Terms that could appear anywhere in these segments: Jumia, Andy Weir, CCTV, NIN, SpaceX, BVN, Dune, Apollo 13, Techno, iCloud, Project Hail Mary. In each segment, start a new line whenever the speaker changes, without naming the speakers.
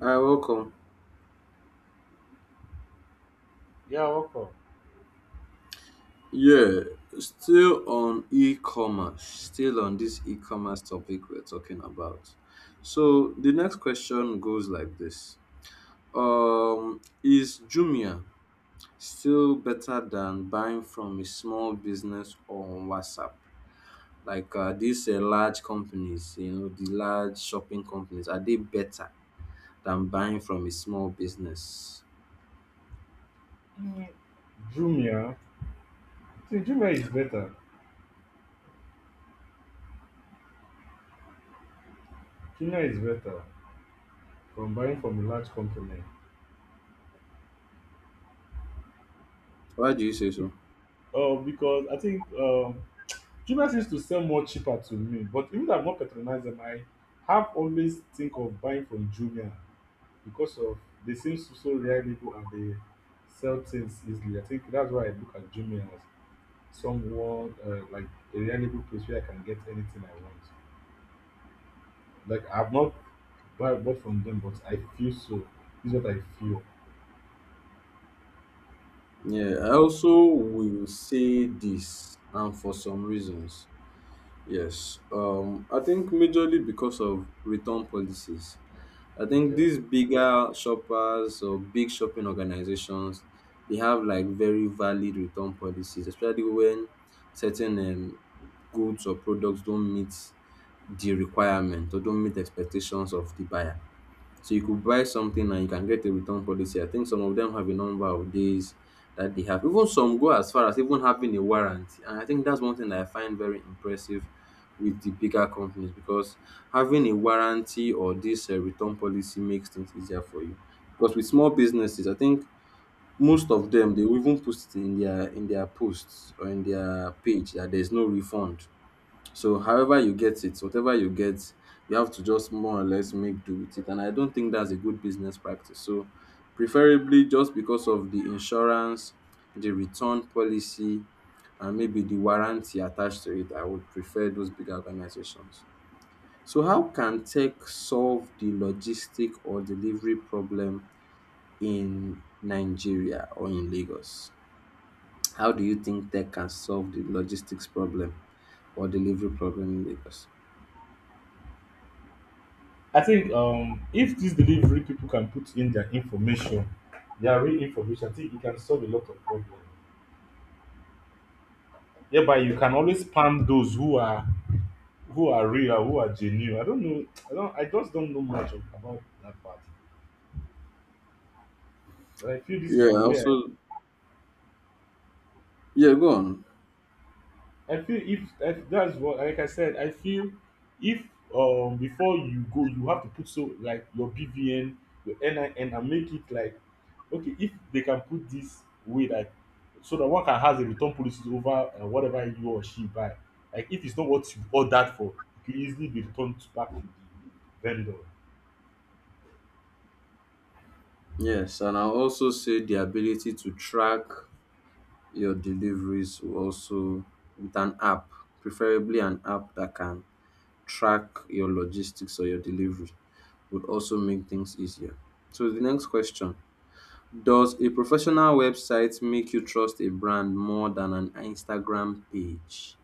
Hi, welcome.
Yeah, welcome.
Yeah, still on e-commerce, still on this e-commerce topic we're talking about. So the next question goes like this. Is Jumia still better than buying from a small business on WhatsApp? Like these large companies, the large shopping companies, are they better than buying from a small business?
Jumia. I think Jumia is better. Jumia is better from buying from a large company.
Why do you say
Be-
so?
Because I think Jumia seems to sell more cheaper to me. But even though I've not patronized them, I have always think of buying from Jumia because of they seem so, so reliable and they sell things easily. I think that's why I look at Jumia as someone like a reliable place where I can get anything I want. Like I've not buy bought from them, but I feel so. This is what I feel.
Yeah, I also will say this, and for some reasons. Yes, I think majorly because of return policies. I think
Okay.
these bigger shoppers or big shopping organizations, they have like very valid return policies, especially when certain goods or products don't meet the requirement or don't meet expectations of the buyer. So you could buy something and you can get a return policy. I think some of them have a number of days that they have. Even some go as far as even having a warranty. And I think that's one thing that I find very impressive with the bigger companies because having a warranty or this return policy makes things easier for you. Because with small businesses, I think most of them they will even post it in their posts or in their page that there's no refund, so however you get it, whatever you get, you have to just more or less make do with it. And I don't think that's a good business practice. So preferably just because of the insurance, the return policy, and maybe the warranty attached to it, I would prefer those big organizations. So how can tech solve the logistic or delivery problem in Nigeria or in Lagos? How do you think tech can solve the logistics problem or delivery problem in Lagos?
I think if these delivery people can put in their information, their real information, I think it can solve a lot of problems. Yeah, but you can always spam those who are real, who are genuine. I don't know. I just don't know about that part. But I feel this is
Yeah,
the
I
way
also, yeah, go on.
I feel if that's what, like I said, I feel if before you go, you have to put so like your BVN, your NIN, and make it like okay, if they can put this way that so that one can has a return policy over whatever you or she buy. Like if it's not what you ordered for, it can easily be returned back to the vendor.
Yes, and I'll also say the ability to track your deliveries will also, with an app, preferably an app that can track your logistics or your delivery, would also make things easier. So the next question, does a professional website make you trust a brand more than an Instagram page?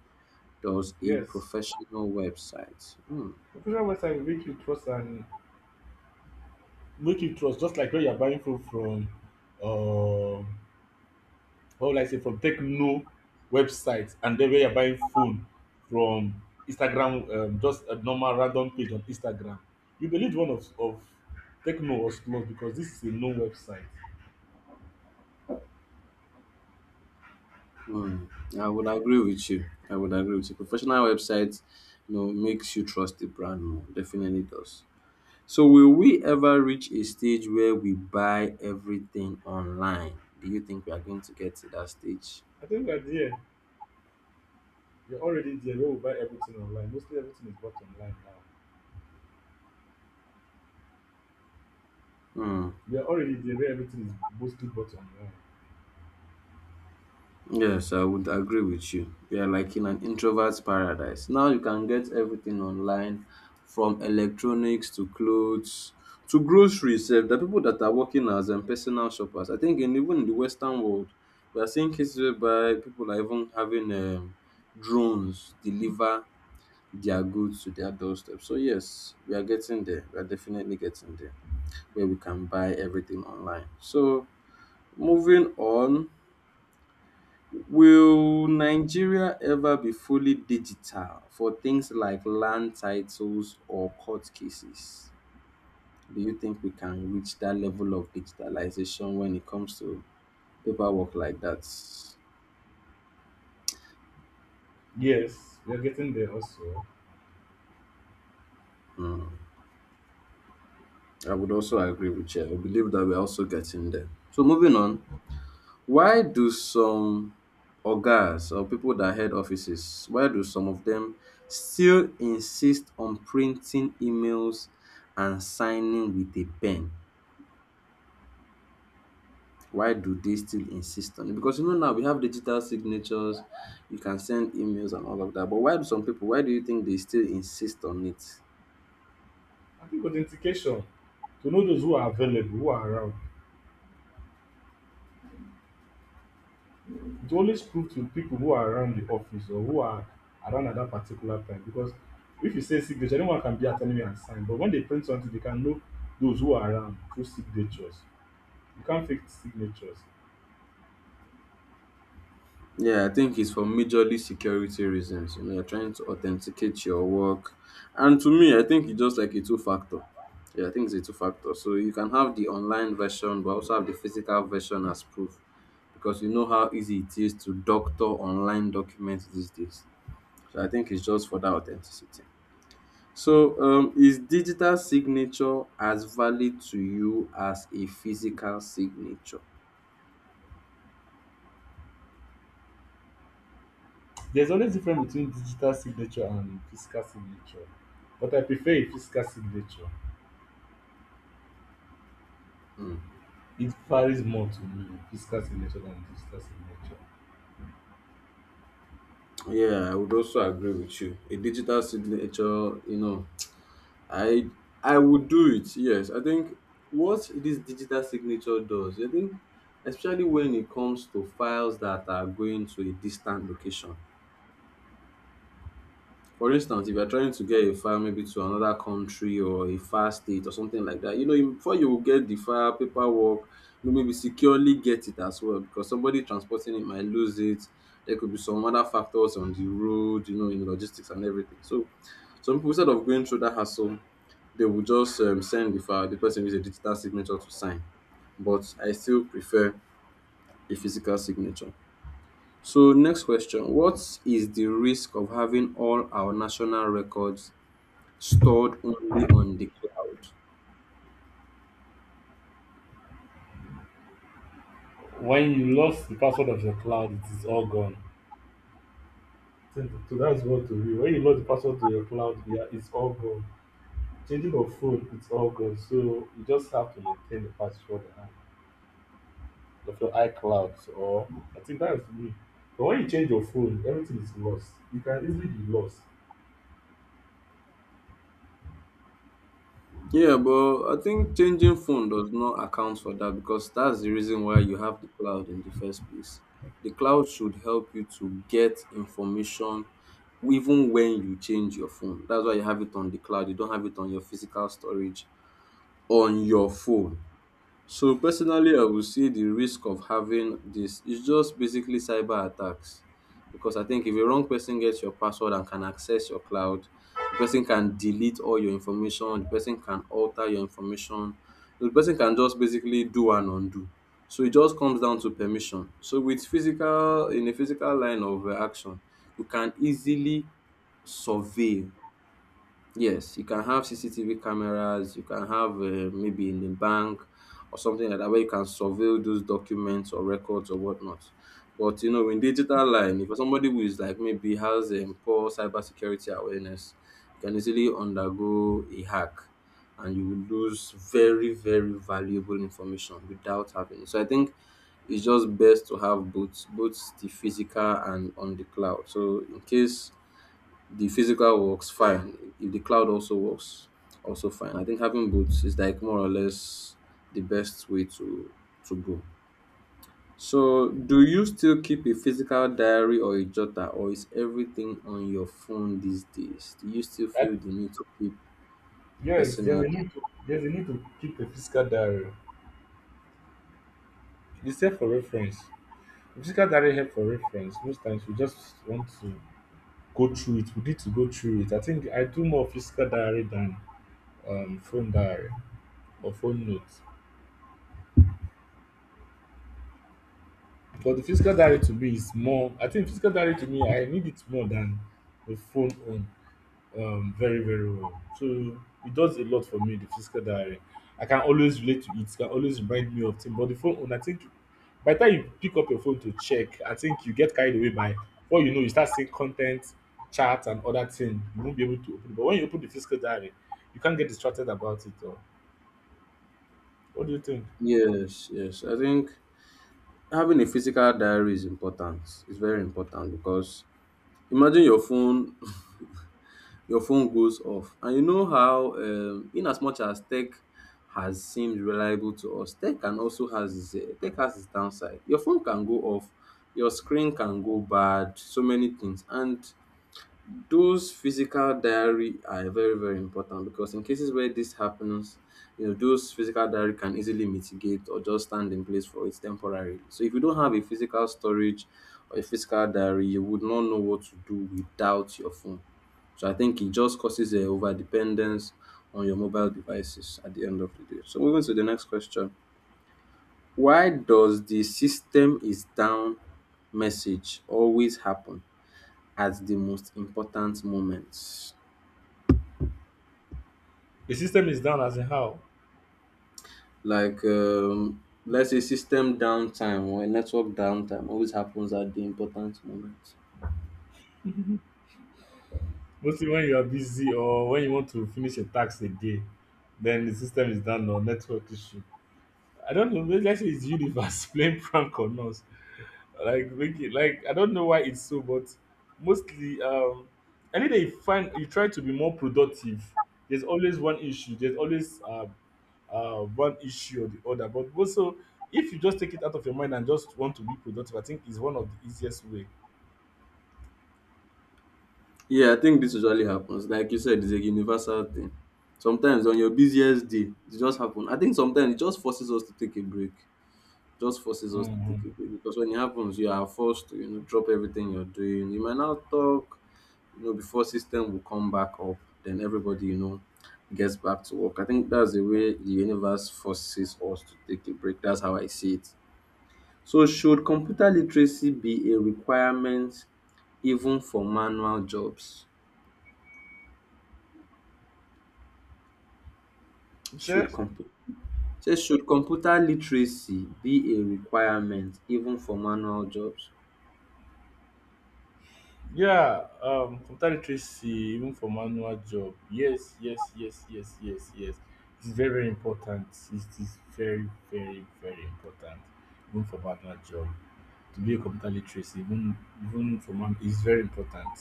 Does a
Yes.
professional website? Hmm.
Professional website will make you trust and make you trust, just like when you're buying food from um or like say from Techno website and then where you're buying phone from Instagram, just a normal random page on Instagram. You believe of Techno was closed because this is a known website.
Mm, I would agree with you. I would agree with you. Professional websites, you know, makes you trust the brand more. Definitely does. So will we ever reach a stage where we buy everything online? Do you think we are going to get to that stage?
I think we're there. We're already there where we buy everything online. Mostly everything is bought online now.
Hmm.
We are already there where everything is mostly bought online.
Yes, I would agree with you. We are like in an introvert's paradise. Now you can get everything online, from electronics to clothes to groceries. Sef. The people that are working as personal shoppers, I think, even in the Western world, we are seeing cases whereby people are even having drones deliver their goods to their doorstep. So, yes, we are getting there. We are definitely getting there where we can buy everything online. So, moving on. Will Nigeria ever be fully digital for things like land titles or court cases? Do you think we can reach that level of digitalization when it comes to paperwork like that?
Yes, we are getting there also.
I would also agree with you. I believe that we're also getting there. So moving on, why do some ogas or people that head offices, why do some of them still insist on printing emails and signing with a pen? Why do they still insist on it? Because you know now we have digital signatures, you can send emails and all of that. But why do some people? Why do you think they still insist on it?
I think authentication to know those who are available, who are around. It always prove to people who are around the office or who are around at that particular time because if you say signature, anyone can be at anywhere and sign. But when they print something, they can know those who are around through signatures. You can't fake signatures.
Yeah, I think it's for majorly security reasons. You know, you're trying to authenticate your work. And to me, I think it's just like a two factor. Yeah, I think it's a two factor. So you can have the online version, but also have the physical version as proof because you know how easy it is to doctor online documents these days. So I think it's just for that authenticity. So, is digital signature as valid to you as a physical signature?
There's always difference between digital signature and physical signature. But I prefer a physical signature. It varies more to me, physical signature than digital signature.
Yeah, I would also agree with you. A digital signature, you know, I I would do it. Yes, I think what this digital signature does, I think, especially when it comes to files that are going to a distant location. For instance, if you are trying to get a file maybe to another country or a far state or something like that, you know, before you get the file, paperwork, you know, maybe securely get it as well because somebody transporting it might lose it. There could be some other factors on the road, you know, in logistics and everything. So some people, instead of going through that hassle, they will just send the file, the person with a digital signature to sign. But I still prefer a physical signature. So next question, what is the risk of having all our national records stored only on the cloud?
When you lost the password of your cloud, it is all gone. So that's what to me. When you lost the password to your cloud, yeah, it's all gone. Changing of phone, it's all good. So you just have to maintain the password and of your iClouds or I think that's me. But when you change your phone, everything is lost. You can easily be lost.
Yeah, but I think changing phone does not account for that because that's the reason why you have the cloud in the first place. The cloud should help you to get information even when you change your phone. That's why you have it on the cloud. You don't have it on your physical storage on your phone. So personally I would say the risk of having this is just basically cyber attacks because I think if a wrong person gets your password and can access your cloud, the person can delete all your information, the person can alter your information, the person can just basically do and undo. So it just comes down to permission. So with physical, in a physical line of action, you can easily survey. Yes, you can have CCTV cameras, you can have maybe in the bank or something like that where you can surveil those documents or records or whatnot. But you know, in digital line, if somebody who is like maybe has poor cybersecurity awareness, you can easily undergo a hack and you will lose very, very valuable information without having. It. So I think it's just best to have both, both the physical and on the cloud. So in case the physical works fine. If the cloud also works, also fine. I think having both is like more or less the best way to go. So, do you still keep a physical diary or a jotter, or is everything on your phone these days? Do you still
And
feel the need to keep
yes,
personal?
there's a need to keep a physical diary. It's there for reference. Physical diary help for reference. Most times we just want to go through it. We need to go through it. I think I do more physical diary than phone diary or phone notes. But the physical diary to me is more. I think physical diary to me I need it more than the phone own very very well. So it does a lot for me the physical diary. I can always relate to it, it can always remind me of things. But the phone own I think by the time you pick up your phone to check, I think you get carried away by what you know, you start seeing content, charts and other things. You won't be able to open it. But when you open the physical diary, you can't get distracted about it or what do you think?
Yes, yes. I think having a physical diary is important. It's very important because imagine your phone your phone goes off. And you know how, in as much as tech has seemed reliable to us, tech can also has its eh, tech has its downside. Your phone can go off, your screen can go bad, so many things. And those physical diary are very very important because in cases where this happens, you know those physical diary can easily mitigate or just stand in place for it temporarily. So if you don't have a physical storage or a physical diary, you would not know what to do without your phone. So I think it just causes a over dependence on your mobile devices at the end of the day. So moving to the next question. Why does the system is down message always happen at the most important moments?
The system is down as in how?
Like let's say system downtime or a network downtime always happens at the important moments.
Mostly when you are busy or when you want to finish a task a day, then the system is down or network issue. I don't know. Maybe let's say it's universe playing prank on us. Like make it like I don't know why it's so, but mostly any day you find you try to be more productive. There's always one issue. There's always one issue or the other. But also if you just take it out of your mind and just want to be productive, I think is one of the easiest way.
Yeah, I think this usually happens. Like you said, it's a universal thing. Sometimes on your busiest day, it just happens. I think sometimes it just forces us to take a break. Just forces us to
Mm-hmm.
take a break because when it happens, you are forced to you know drop everything you're doing. You might not talk, you know, before system will come back up. Then everybody you know gets back to work. I think that's the way the universe forces us to take a break. That's how I see it. So should computer literacy be a requirement even for manual jobs? Should computer Say, should computer literacy be a requirement even for manual jobs?
Yeah, computer literacy, even for manual job. Yes, yes, yes, yes, yes, yes. It's very, very important. It is very, very, very important, even for manual job. To be a computer literacy, even even for man, is very important.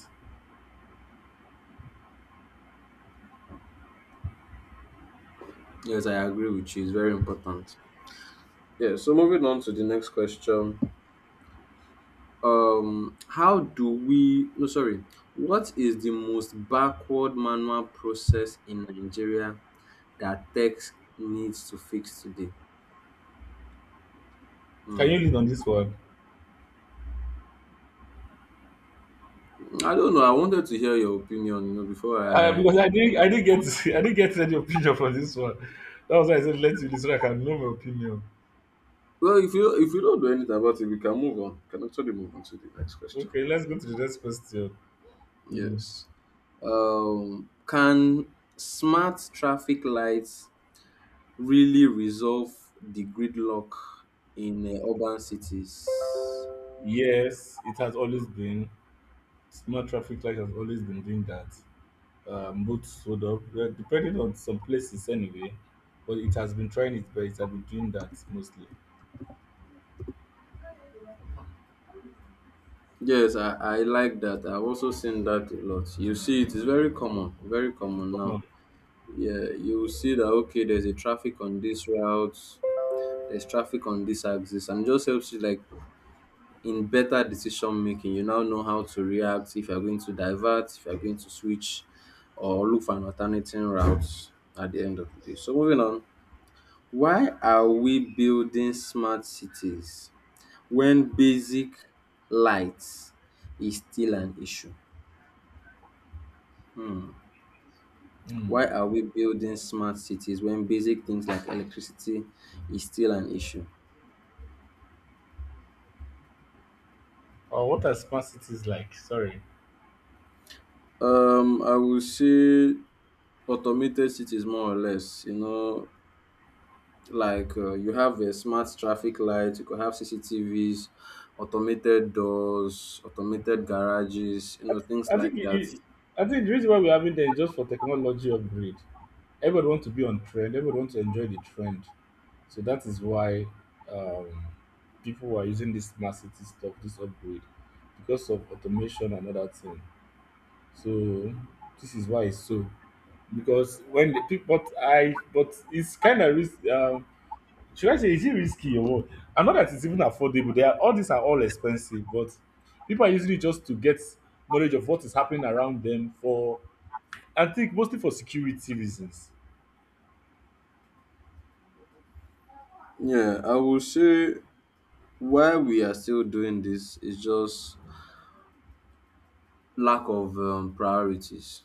Yes, I agree with you. It's very important. Yeah, so moving on to the next question. How do we, no, sorry, what is the most backward manual process in Nigeria that tech needs to fix today?
Can you
Hmm.
lead on this one?
I don't know. I wanted to hear your opinion, you know, before I.
Because I didn't get, I didn't get any opinion from this one. That was why I said let you listen. I can know my opinion.
Well, if you don't do anything about it, we can move on. We can actually move on to the next question.
Okay, let's go to the next question. Mm.
Yes. Can smart traffic lights really resolve the gridlock in urban cities?
Yes, it has always been. Smart traffic light has always been doing that. Both hold up, depending on some places anyway. But it has been trying its best. I've been doing that mostly.
Yes, I like that. I've also seen that a lot. You see, it is very
It's
common now.
come.
Yeah, you will see that okay, there's a traffic on this route, there's traffic on this axis, and it just helps you like in better decision making. You now know how to react if you're going to divert, if you're going to switch, or look for an alternating route at the end of the day. So moving on. Why are we building smart cities when basic lights is still an issue?
Hmm.
Why are we building smart cities when basic things like electricity is still an issue?
Oh, what are smart cities like? Sorry.
I would say automated cities more or less. You know, like you have a smart traffic light, you could have CCTVs, automated doors, automated garages, you
I,
know,
th-
things
I think
like that.
I think the reason why we're having them is just for technology upgrade. Everybody wants to be on trend. Everybody wants to enjoy the trend. So that is why um, people are using this smart city stuff, this upgrade, because of automation and other thing. So this is why it's so. Because when the people but I but it's kind of risky. Should I say is it risky or what? I know that it's even affordable. They are all these are all expensive, but people are usually just to get knowledge of what is happening around them for I think mostly for security reasons.
Yeah, I would say why we are still doing this, is just lack of priorities.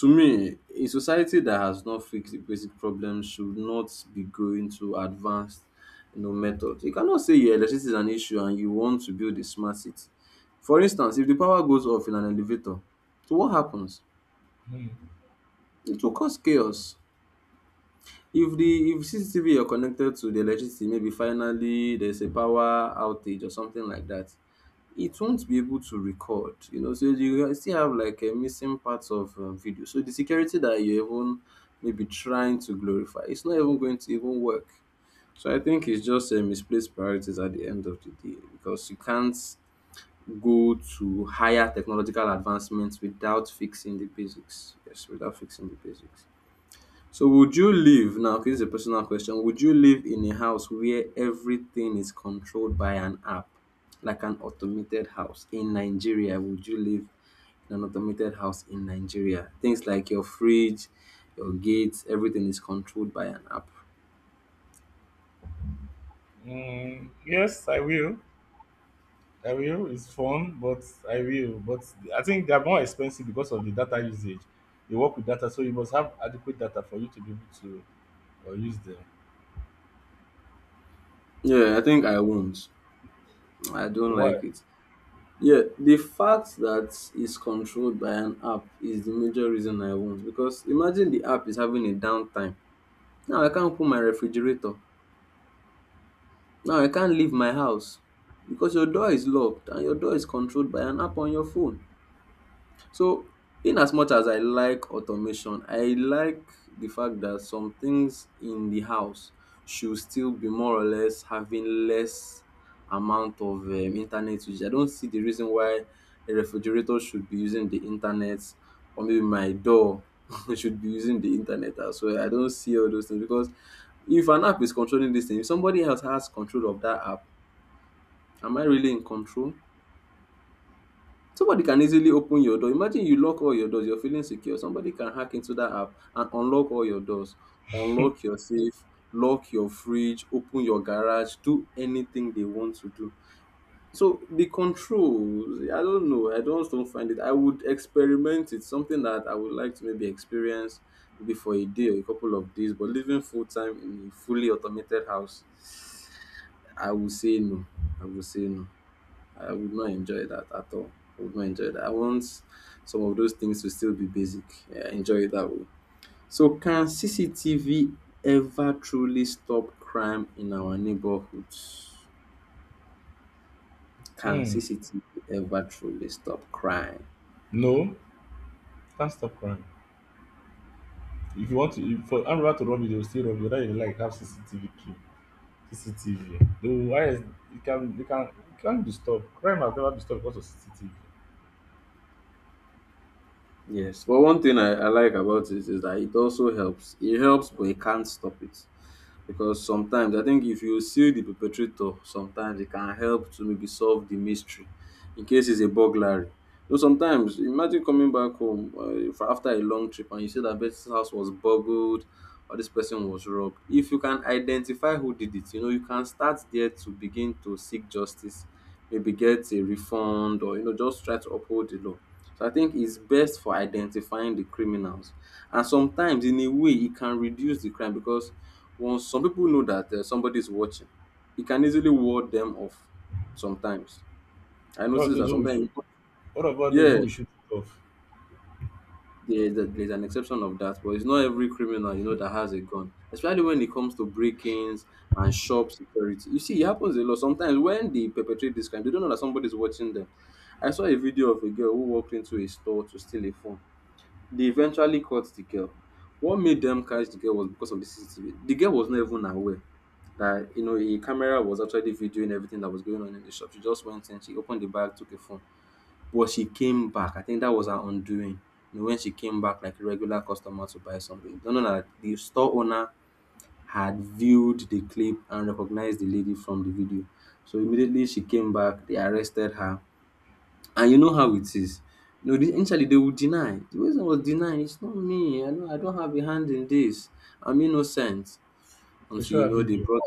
To me, a society that has not fixed the basic problem should not be going to advanced, you know, methods. You cannot say your electricity is an issue and you want to build a smart city. For instance, if the power goes off in an elevator, so what happens?
Hmm.
It will cause chaos. If CCTV you're connected to the electricity, maybe finally there's a power outage or something like that. It won't be able to record, you know, so you will still have like a missing parts of video. So the security that you're even maybe trying to glorify, it's not even going to even work. So I think it's just a misplaced priorities at the end of the day because you can't go to higher technological advancements without fixing the basics. Yes, without fixing the basics. So would you live now? Okay, this is a personal question. Would you live in a house where everything is controlled by an app, like an automated house in Nigeria? Would you live in an automated house in Nigeria? Things like your fridge, your gates, everything is controlled by an app.
Mm, yes, I will. I will. It's fun, but I will. But I think they are more expensive because of the data usage. They work with data, so you must have adequate data for you to be able to use them.
Yeah, I think I won't. I don't
Why?
like it. Yeah, the fact that it's controlled by an app is the major reason I won't. Because imagine the app is having a downtime. Now I can't open my refrigerator. Now I can't leave my house because your door is locked and your door is controlled by an app on your phone. So, in as much as I like automation, I like the fact that some things in the house should still be more or less having less amount of internet usage. I don't see the reason why a refrigerator should be using the internet or maybe my door should be using the internet as well. I don't see all those things because if an app is controlling this thing, if somebody else has control of that app, am I really in control? Somebody can easily open your door. Imagine you lock all your doors, you're feeling secure. Somebody can hack into that app and unlock all your doors, unlock your safe, lock your fridge, open your garage, do anything they want to do. So the controls, I don't know. I don't find it. I would experiment it. Something that I would like to maybe experience maybe for a day or a couple of days. But living full time in a fully automated house, I would say no. I would say no. I would not enjoy that at all. I would not enjoy that. I want some of those things to still be basic. Yeah, enjoy it that way. So, can CCTV ever truly stop crime in our neighborhoods? Can
Hmm.
CCTV ever truly stop crime?
No, can't stop crying. If you want to if for animal to rob you, they will still rob you whether you like have CCTV. The wise you can't be stopped. Crime has never been stopped because of CCTV.
Yes. But one thing I like about it is that it also helps. It helps, but it can't stop it. Because sometimes I think if you see the perpetrator, sometimes it can help to maybe solve the mystery in case it's a burglary. You know, sometimes imagine coming back home after a long trip and you see that this house was burgled or this person was robbed. If you can identify who did it, you know, you can start there to begin to seek justice, maybe get a refund or, you know, just try to uphold the law. So I think it's best for identifying the criminals and sometimes in a way it can reduce the crime because once some people know that somebody is watching, it can easily ward them off sometimes. I
What of
notice
those
that
who will sh-
sometimes,
what about those
yeah,
who will shoot it off?
there's an exception of that, but it's not every criminal you know that has a gun, especially when it comes to break-ins and shop security. You see, it happens a lot. Sometimes when they perpetrate this crime, they don't know that somebody's watching them. I saw a video of a girl who walked into a store to steal a phone. They eventually caught the girl. What made them catch the girl was because of the CCTV. The girl was not even aware that you know a camera was actually videoing everything that was going on in the shop. She just went in, she opened the bag, took a phone. But she came back. I think that was her undoing. You know, when she came back like a regular customer to buy something. Don't know that the store owner had viewed the clip and recognized the lady from the video. So immediately she came back, they arrested her and you know how it is. You know, initially they would deny. The reason I was denying, it's not me. I know I don't have a hand in this. I'm innocent
They
until
show
you
a
know they
video.
brought,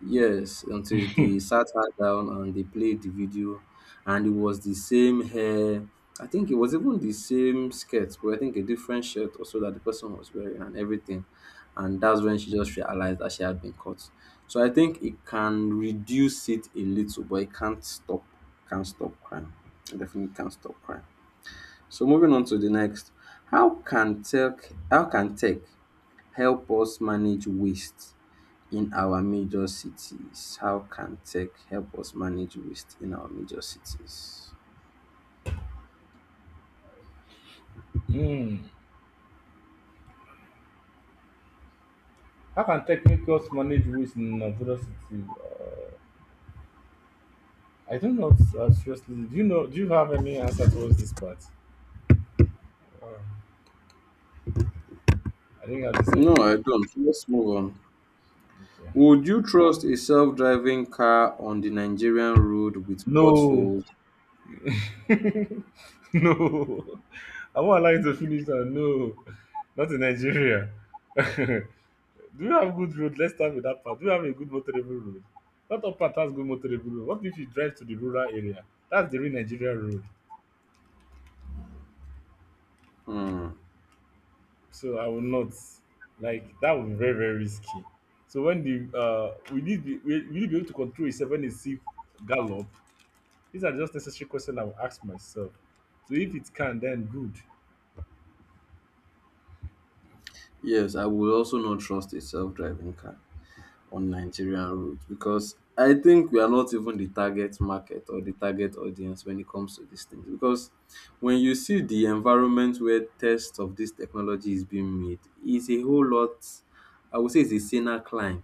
yes, until they sat her down and they played the video and it was the same hair. I think it was even the same skirt, but I think a different shirt also that the person was wearing and everything, and that's when she just realized that she had been caught. So I think it can reduce it a little, but it can't stop, can't stop crime. It definitely can't stop crime. So moving on to the next, how can tech help us manage waste in our major cities? How can tech help us manage waste in our major cities?
Hmm. How can technicals manage waste in Nigeria city? I don't know seriously. Do you know do you have any answer towards this part? Um, I didn't have this
No, I
idea.
don't. Let's move on.
Okay.
Would you trust a self-driving car on the Nigerian road with
No.
potholes?
No, I won't allow you to finish that. No, not in Nigeria. Do you have good road? Let's start with that part. Do you have a good motorable road? Not all part has good motorable road. What if you drive to the rural area? That's the real Nigeria road.
Hmm.
So I will not like that. Would be very very risky. So when the we need be able to control a seven a six gallop. These are just necessary questions I will ask myself. So if it can, then good.
Yes, I would also not trust a self-driving car on Nigerian roads because I think we are not even the target market or the target audience when it comes to these things. Because when you see the environment where test of this technology is being made, it's a whole lot, I would say it's a saner climb.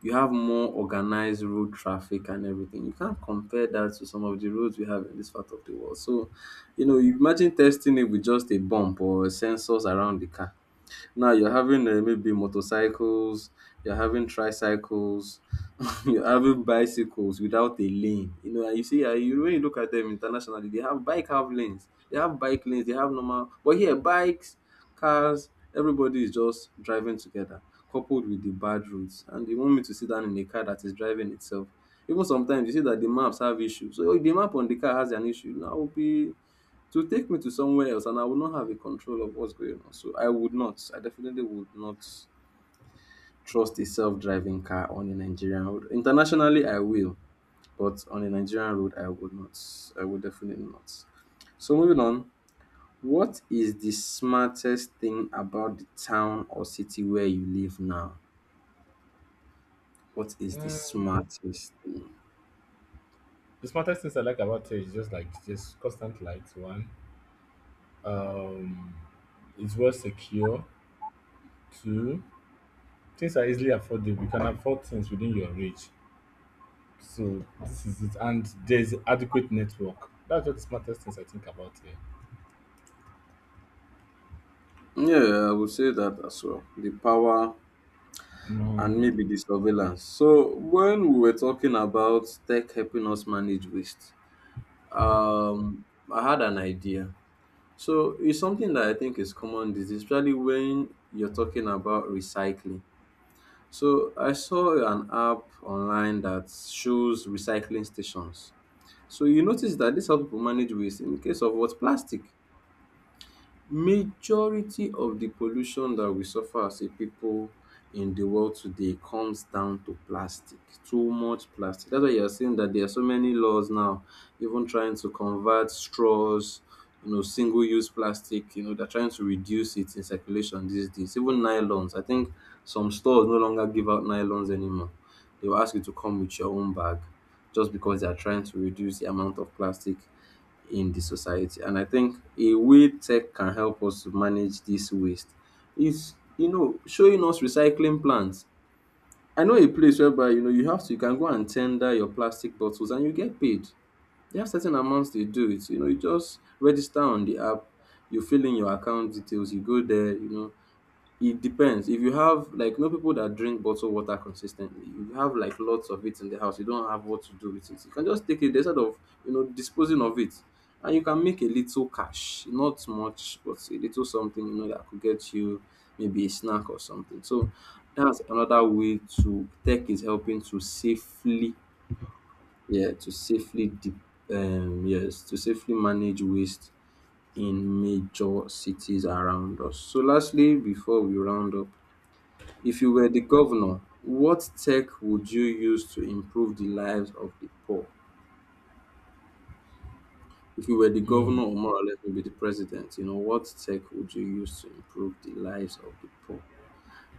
You have more organized road traffic and everything. You can't compare that to some of the roads we have in this part of the world. So, you know, you imagine testing it with just a bump or sensors around the car. Now you're having maybe motorcycles, you're having tricycles, you're having bicycles without a lane. You know, and you see, you when you look at them internationally, they have bike have lanes, they have bike lanes, they have normal. But here, bikes, cars, everybody is just driving together, coupled with the bad roads. And you want me to sit down in a car that is driving itself. Even sometimes you see that the maps have issues. So if the map on the car has an issue, now will be to take me to somewhere else and I would not have a control of what's going on. So I would not. I definitely would not trust a self-driving car on a Nigerian road. Internationally, I will, but on a Nigerian road, I would not. I would definitely not. So moving on, what is the smartest thing about the town or city where you live now? What is the smartest thing?
The smartest things I like about it is just like just constant lights. One um, it's well secure. Two, things are easily affordable. You can afford things within your reach. So this is it. And there's adequate network. That's what the smartest things I think about here.
Yeah, I would say that as well. The power and
Mm,
maybe the surveillance. So when we were talking about tech helping us manage waste, um, I had an idea. So it's something that I think is common, this especially when you're talking about recycling. So I saw an app online that shows recycling stations. So you notice that this helps people manage waste in the case of what plastic. Majority of the pollution that we suffer as a people in the world today comes down to plastic. Too much plastic. That's why you are seeing that there are so many laws now even trying to convert straws, you know, single use plastic, you know, they're trying to reduce it in circulation these days. Even nylons. I think some stores no longer give out nylons anymore. They will ask you to come with your own bag just because they are trying to reduce the amount of plastic in the society. And I think a way tech can help us to manage this waste is, you know, showing us recycling plans. I know a place whereby you know you have to you can go and tender your plastic bottles and you get paid. They have certain amounts they do it. You know, you just register on the app, you fill in your account details, you go there, it depends. If you have like no people that drink bottled water consistently, if you have like lots of it in the house, you don't have what to do with it. You can just take it instead of disposing of it, and you can make a little cash, not much, but a little something that could get you maybe a snack or something. So that's another way to tech is helping to safely yeah to yes to safely manage waste in major cities around us. So lastly, before we round up, if you were the governor, what tech would you use to improve the lives of the poor? If you were the governor, or more or less maybe the president, you know, what tech would you use to improve the lives of the poor?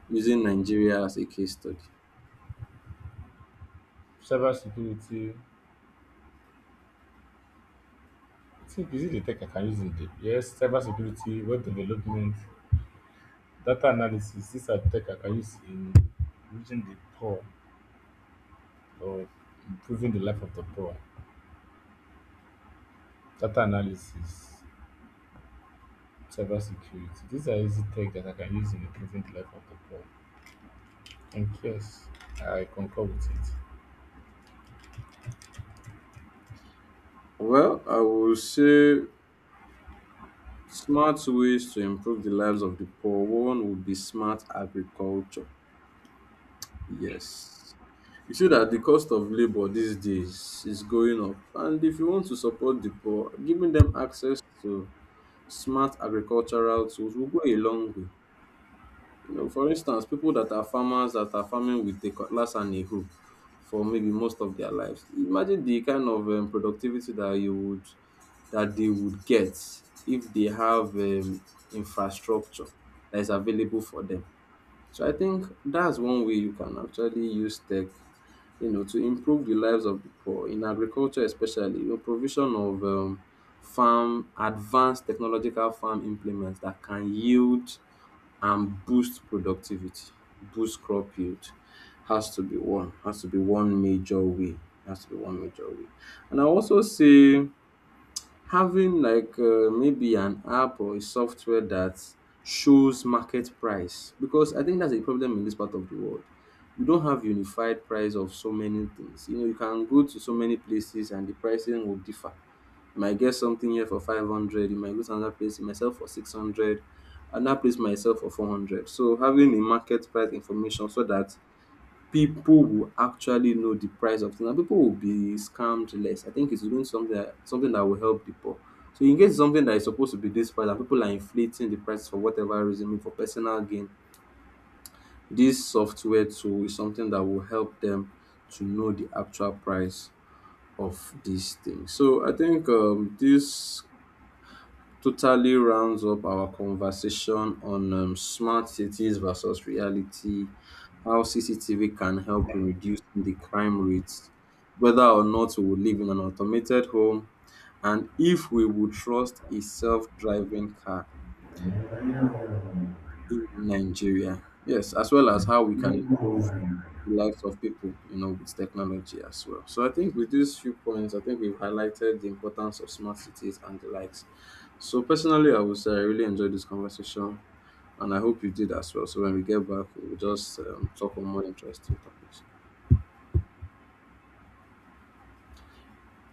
Using Nigeria as a case study.
cyber security. I think is it the tech I can use in the yes, cyber security, web development, data analysis. These are tech I can use in reaching the poor or improving the life of the poor. Data analysis. Cybersecurity. These are easy tech that I can use in the present life of the poor. And yes, I concur with it.
Well, I will say smart ways to improve the lives of the poor. One would be smart agriculture. Yes. You see that the cost of labor these days is going up. And if you want to support the poor, giving them access to smart agricultural tools will go a long way. You know, for instance, people that are farmers that are farming with a cutlass and a hoe for maybe most of their lives. Imagine the kind of productivity that you would that they would get if they have infrastructure that is available for them. So I think that's one way you can actually use tech, you know, to improve the lives of the poor. In agriculture especially, the provision of farm advanced technological farm implements that can yield and boost productivity, boost crop yield has to be one major way. Has to be one major way. And I also say having like maybe an app or a software that shows market price, because I think that's a problem in this part of the world. You don't have unified price of so many things. You know, you can go to so many places and the pricing will differ. You might get something here for 500, you might go to another place myself for 600, another place myself for 400. So having a market price information so that people will actually know the price of things and people will be scammed less. I think it's doing something that will help the poor. So in case something that is supposed to be this price and people are inflating the price for whatever reason, maybe for personal gain, this software tool is something that will help them to know the actual price of these things. So I think this totally rounds up our conversation on smart cities versus reality, how CCTV can help in reducing the crime rates, whether or not we will live in an automated home, and if we would trust a self driving car in Nigeria. Yes, as well as how we can improve the lives of people, you know, with technology as well. So I think with these few points, I think we've highlighted the importance of smart cities and the likes. So personally, I would say I really enjoyed this conversation. And I hope you did as well. So when we get back, we'll just talk on more interesting topics.